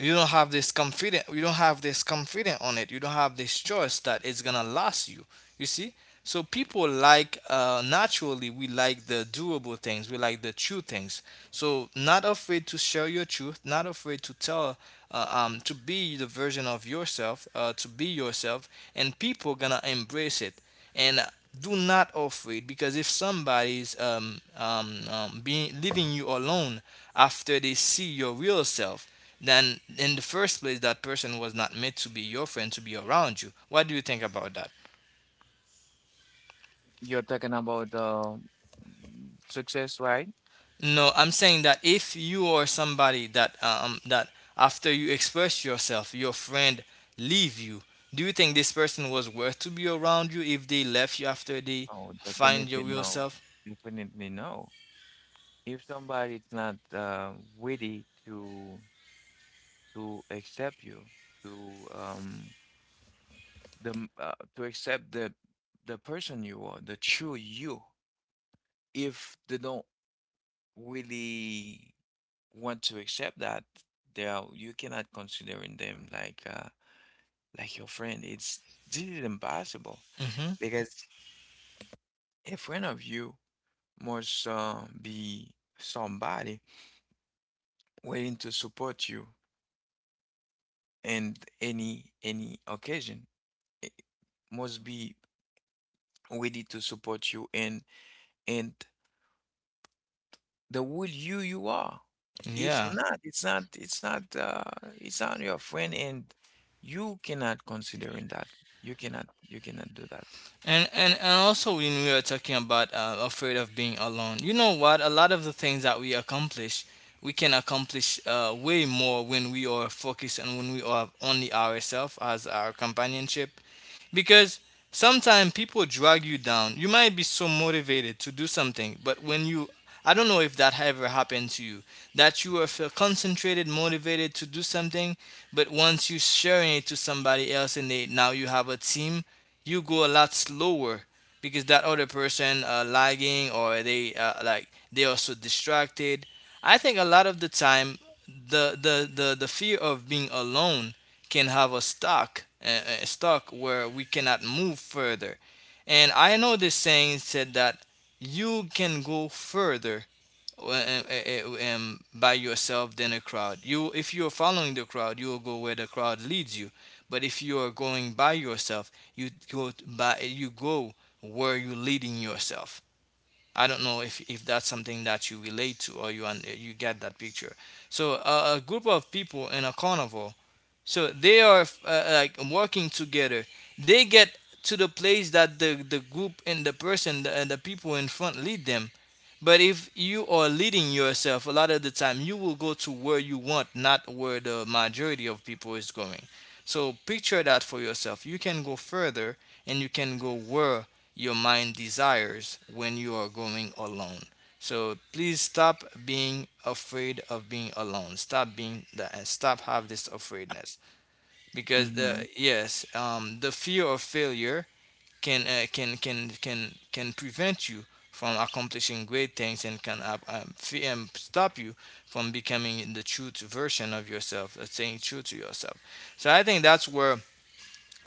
A: you don't have this confident on it. You don't have this choice that it's gonna last you, you see. So people, like, naturally, we like the doable things, we like the true things. So not afraid to share your truth, not afraid to tell, to be the version of yourself, to be yourself, and people gonna embrace it. And do not afraid, because if somebody's being leaving you alone after they see your real self, then in the first place that person was not meant to be your friend, to be around you. What do you think about that?
B: You're talking about um, success, right?
A: No, I'm saying that if you are somebody that after you express yourself, your friend leave you, do you think this person was worth to be around you if they left you after they
B: Oh,
A: find your
B: definitely
A: real
B: no.
A: self?
B: Definitely no. If somebody's not ready to accept you, to um, to accept the person you are, the true you, if they don't really want to accept that, they are, you cannot considering them like your friend. It's, this is impossible
A: Hmm.
B: because a friend of you must be somebody willing to support you in any occasion. It must be ready to support you and the will you you are. If
A: Yeah.
B: not, it's not it's not your friend, and you cannot consider in that. You cannot, you cannot do that.
A: And also when we were talking about afraid of being alone, you know what? A lot of the things that we accomplish, we can accomplish way more when we are focused and when we are only ourselves as our companionship. Because sometimes people drag you down. You might be so motivated to do something, but when you, I don't know if that ever happened to you, that you are feel concentrated, motivated to do something, but once you sharing it to somebody else and they, now you have a team, you go a lot slower because that other person lagging, or they like, they are so distracted. I think a lot of the time the fear of being alone can have us stuck, stuck where we cannot move further. And I know this saying said that you can go further uh, uh, by yourself than a crowd. You, if you are following the crowd, you will go where the crowd leads you. But if you are going by yourself, you go where you're leading yourself. I don't know if that's something that you relate to, or you you get that picture. So a group of people in a carnival, so they are like working together. They get to the place that the group and the person and the people in front lead them. But if you are leading yourself, a lot of the time you will go to where you want, not where the majority of people is going. So picture that for yourself. You can go further, and you can go where your mind desires when you are going alone. So please stop being afraid of being alone. Stop being that, and stop have this afraidness, because the,
B: Hmm.
A: yes, the fear of failure can can prevent you from accomplishing great things, and can stop you from becoming the true to version of yourself, staying true to yourself. So I think that's where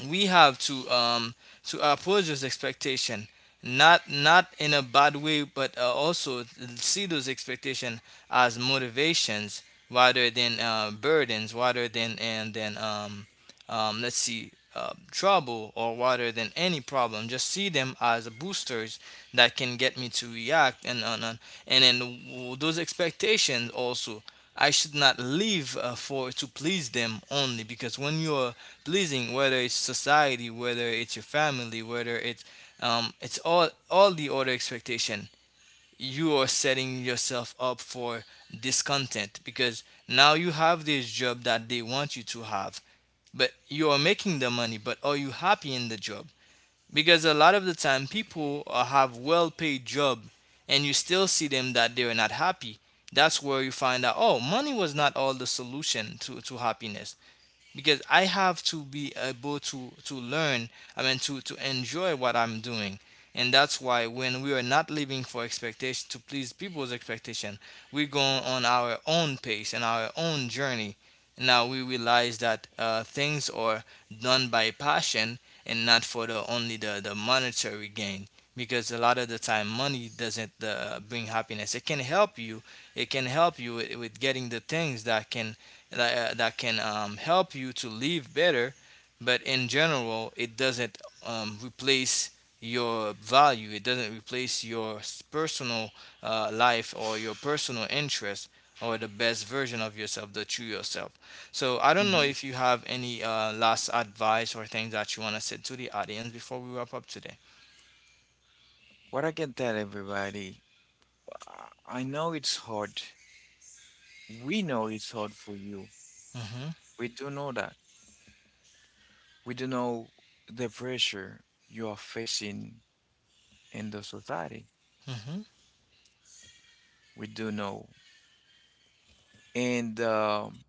A: we have to approach those expectation, not in a bad way, but also see those expectation as motivations rather than burdens, rather than and then let's see trouble, or rather than any problem. Just see them as boosters that can get me to react. And then those expectations also, I should not live for to please them only, because when you're pleasing, whether it's society, whether it's your family, whether it's all the other expectation, you are setting yourself up for discontent, because now you have this job that they want you to have, but you are making the money. But are you happy in the job? Because a lot of the time, people have well-paid job, and you still see them that they are not happy. That's where you find out. Oh, money was not all the solution to happiness, because I have to be able to learn. I mean, to enjoy what I'm doing, and that's why when we are not living for expectation to please people's expectation, we go on our own pace and our own journey. Now we realize that things are done by passion and not for the only the monetary gain. Because a lot of the time, money doesn't bring happiness. It can help you. It can help you with getting the things that can that, that can help you to live better, but in general it doesn't replace your value. It doesn't replace your personal life, or your personal interest, or the best version of yourself, the true yourself. So I don't know
B: Hmm.
A: if you have any last advice or things that you want to say to the audience before we wrap up today.
B: What I can tell everybody, I know it's hard. We know it's hard for you.
A: Mm-hmm.
B: We do know that. We do know the pressure you are facing in the society.
A: Mm-hmm.
B: We do know. And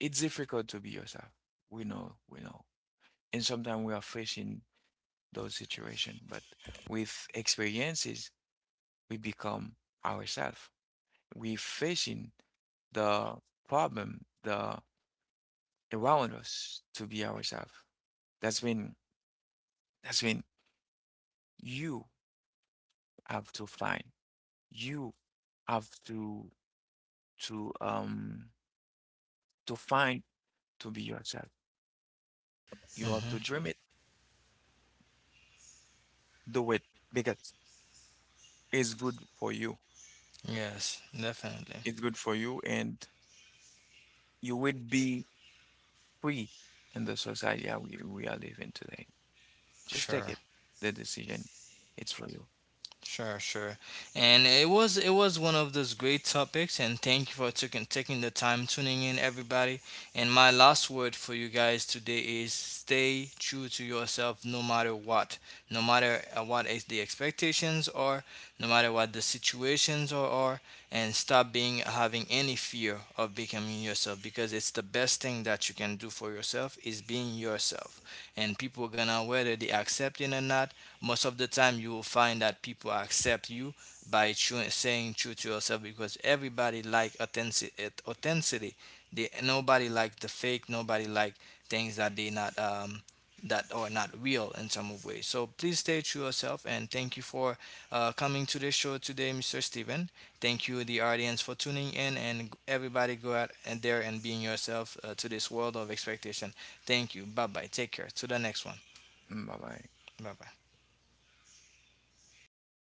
B: it's difficult to be yourself. We know, we know. And sometimes we are facing those situations. But with experiences, we become ourselves. We facing the problem, the around us to be ourselves. That's when, that's when you have to find. You have to um, to find to be yourself. You have
A: Mm-hmm.
B: to dream it, do it because it's good for you.
A: Yes, definitely.
B: It's good for you and you will be free in the society that we are living today. Just take
A: Sure.
B: it, the decision. It's for you.
A: Sure, sure. And it was, it was one of those great topics, and thank you for taking the time, tuning in, everybody. And my last word for you guys today is stay true to yourself no matter what. No matter what is the expectations are, no matter what the situations are, and stop being having any fear of becoming yourself, because it's the best thing that you can do for yourself is being yourself. And people are gonna, whether they accept it or not, most of the time you will find that people accept you by true, saying true to yourself, because everybody like authenticity. They, nobody like the fake, nobody like things that they not that are not real in some of ways. So please stay true yourself, and thank you for coming to the show today, Mr. Steven. Thank you the audience for tuning in, and everybody go out and there and being yourself, to this world of expectation. Thank you. Bye bye. Take care to the next one.
B: Bye bye.
A: Bye bye.